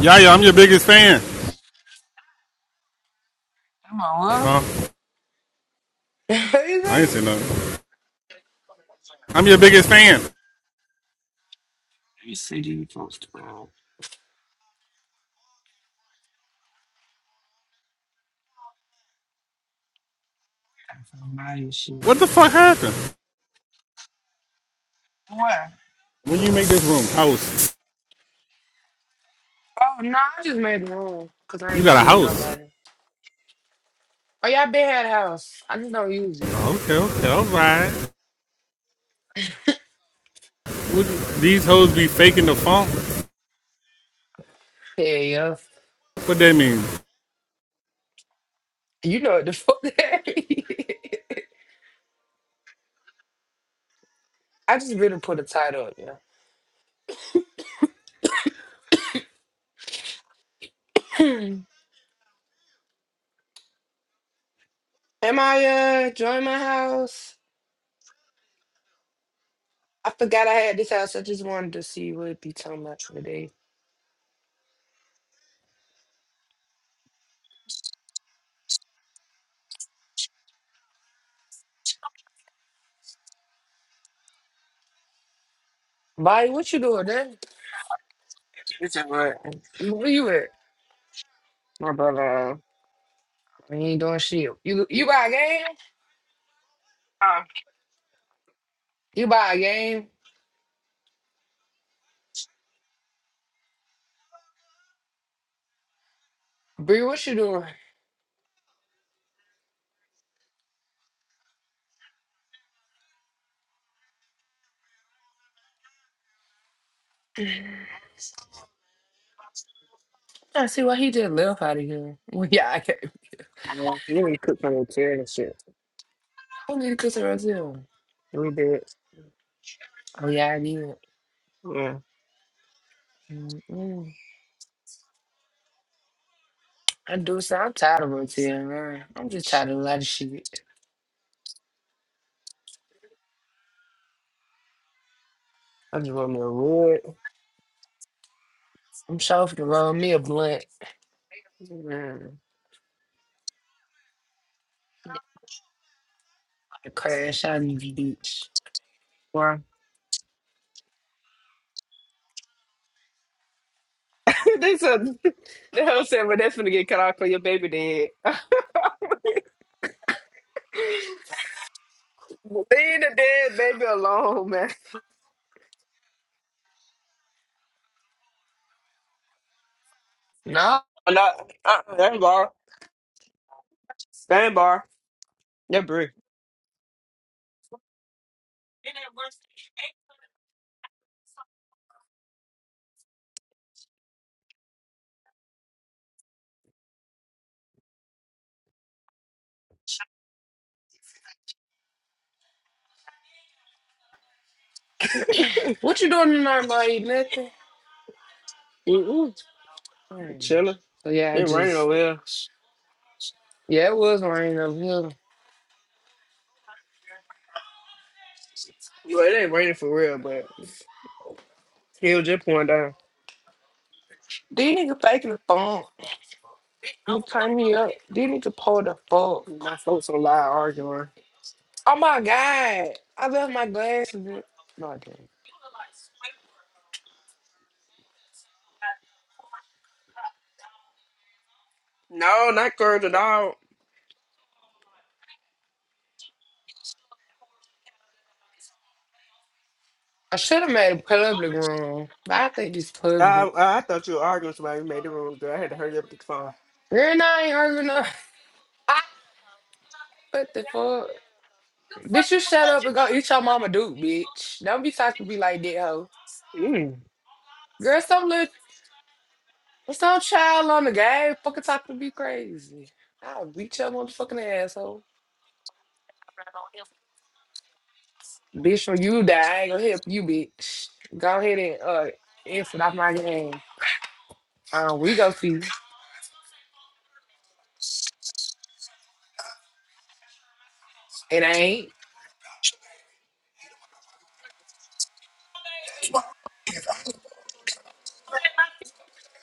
Yaya, I'm your biggest fan. Huh? I ain't say nothing. I'm your biggest fan. Buy you shit. What the fuck happened? What? When you make this room, house. Oh no, I just made the room because I You ain't got a seen house. nobody. Oh y'all been had a house. I just don't use it. Okay, okay, alright. Would these hoes be faking the funk? Yeah, yeah. What that mean? You know what the fuck that is. I just really put a title up, yeah. Hmm. Am I uh join my house? I forgot I had this house. I just wanted to see what it be talking about today. Bobby, what you doing there? This is what Where you at? my brother, I ain't doing shit. You you buy a game? Oh, uh, You buy a game? Bree, what you doing? I see why he didn't live out of here. Well, yeah, I can't. oh. you need to cook from the chair and shit. I need to kiss to Rotel. And we did. Oh, yeah, I need it. Yeah. Mm-mm. I do so. I'm tired of Rotel, man. I'm just tired of a lot of shit. I just want me a wood. I'm sure to roll me a blunt, Mm. I crash out in the beach. Why? they said, the hell said, well, that's gonna get cut off for your baby dead. Leave the dead baby alone, man. No, Oh, no, uh-uh, that ain't bar. That ain't bar. That brick. what you doing tonight, Ma? Eat nothing. Mm-mm. Mm. Chilling. So yeah, I It raining just over here. yeah, it was raining up here. Well, it ain't raining for real, but still just pouring down. These nigga faking the phone. You turned me up. These nigga pull the fuck. My folks so loud arguing. Oh my god, I left my glasses. in- No, I didn't. No, not girls at all. I should have made a public room, but I think it's public. I, I thought you were arguing with somebody who made the room, girl. I had to hurry up to the phone. Girl, nah, I ain't arguing no. What the fuck? Bitch, you shut up and go eat your mama duke, bitch. Don't be talking to me like that, hoe. Mm. Girl, some little, some child on the game fucking talking to me crazy. I'll beat your motherfucking asshole. Bitch, when you die, I ain't gonna help you, bitch. Go ahead and uh, exit off my game. Um, we go see. It ain't.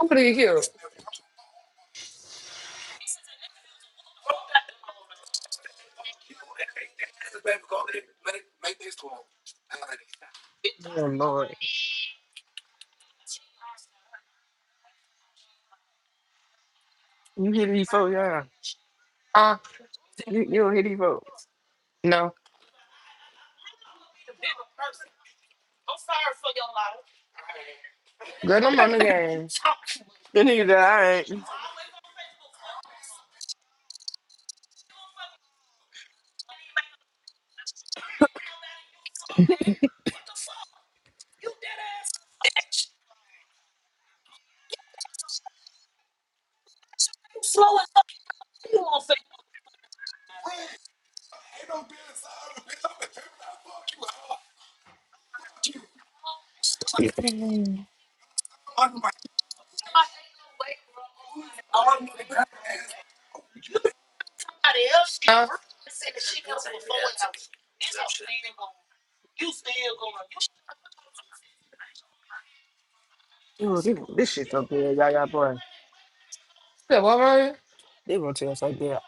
I'm gonna get killed. Oh, Lord. You hit these folks, y'all. Uh, You, you don't hear these folks. no. Girl, I'm on the game. Then niggas that I ain't. Mhm. Oh, this, this shit so good, y'all, y'all, boy. That woman They gonna tell us like that.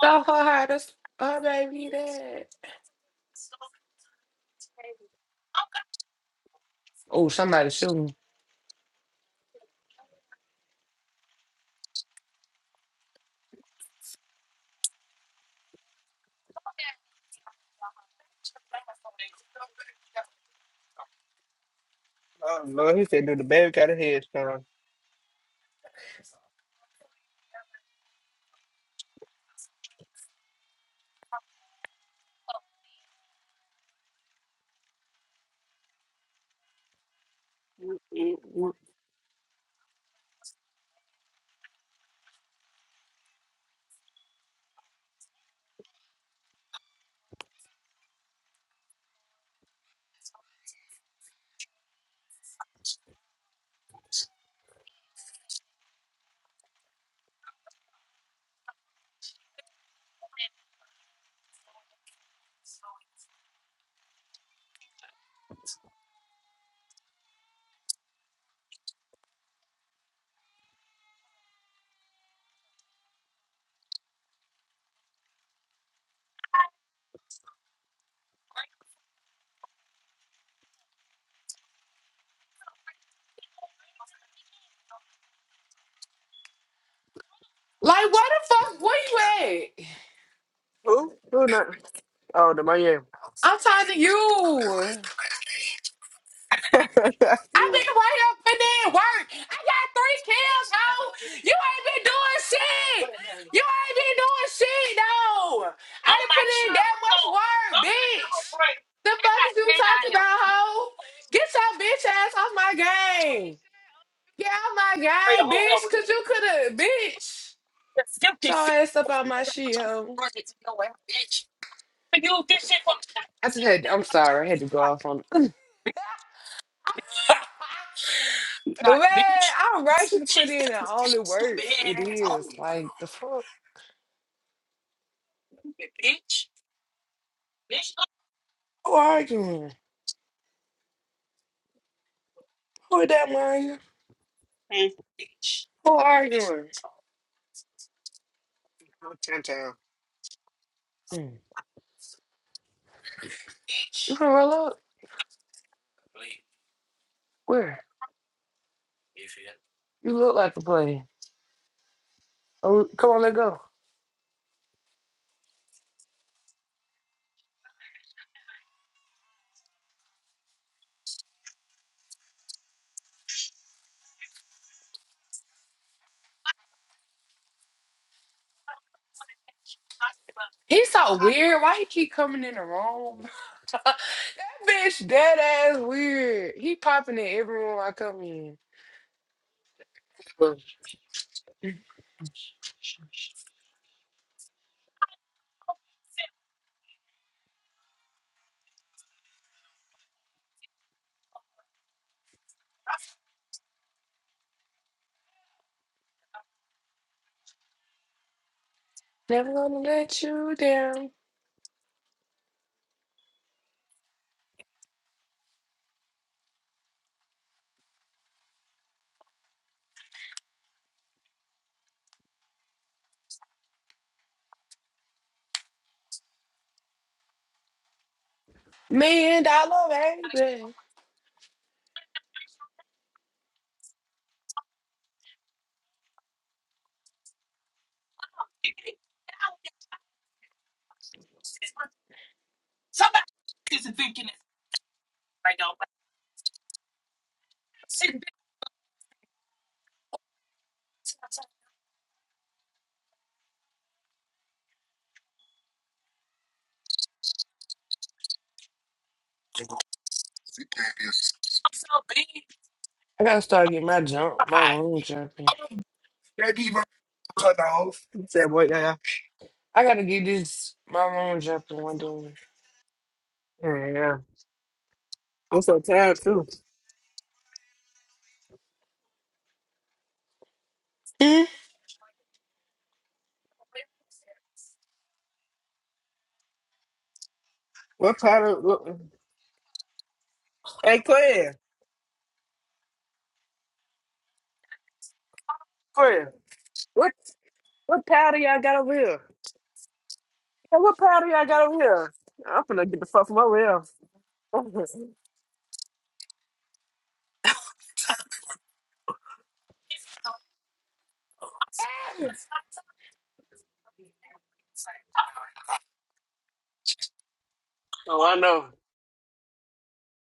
thought her how to s- her baby dad. Oh, somebody shooting. Oh, Lord. He said, do the baby got a headstone. Like, where the fuck were you at? Who? Who not? Oh, the Miami. I'm talking to you. I've oh, been right up and then work. I got three kills, ho. You ain't been doing shit. You ain't been doing shit, no. I didn't put in that much work, bitch. The fuck is you talking about, ho? Get your bitch ass off my game. Get out my game, bitch, because you could have, bitch. So I asked about my shit, hoe. I just had, I'm sorry, I had to go off on Man, I'm righteous put in and all the work. It is. Like, the fuck? Who arguing? Who is that, Mario? Who arguing? Chinatown. Mm. You finna roll up? Where? You look like the play. Oh, come on, let go. He's so weird. Why he keep coming in the room? that bitch dead ass weird. He popping in every room I come in. Well, Never gonna let you down. Million dollar baby. I gotta start getting my jump, my room jumping. He said, what, y'all? I gotta get this, my room jumping one day. Yeah, yeah. I'm so tired, too. Hmm? What part of. What? Hey, Claire. Claire. What what powder y'all got over here? Hey, what powder y'all got over here? I'm finna get the fuck from over here. oh, I know.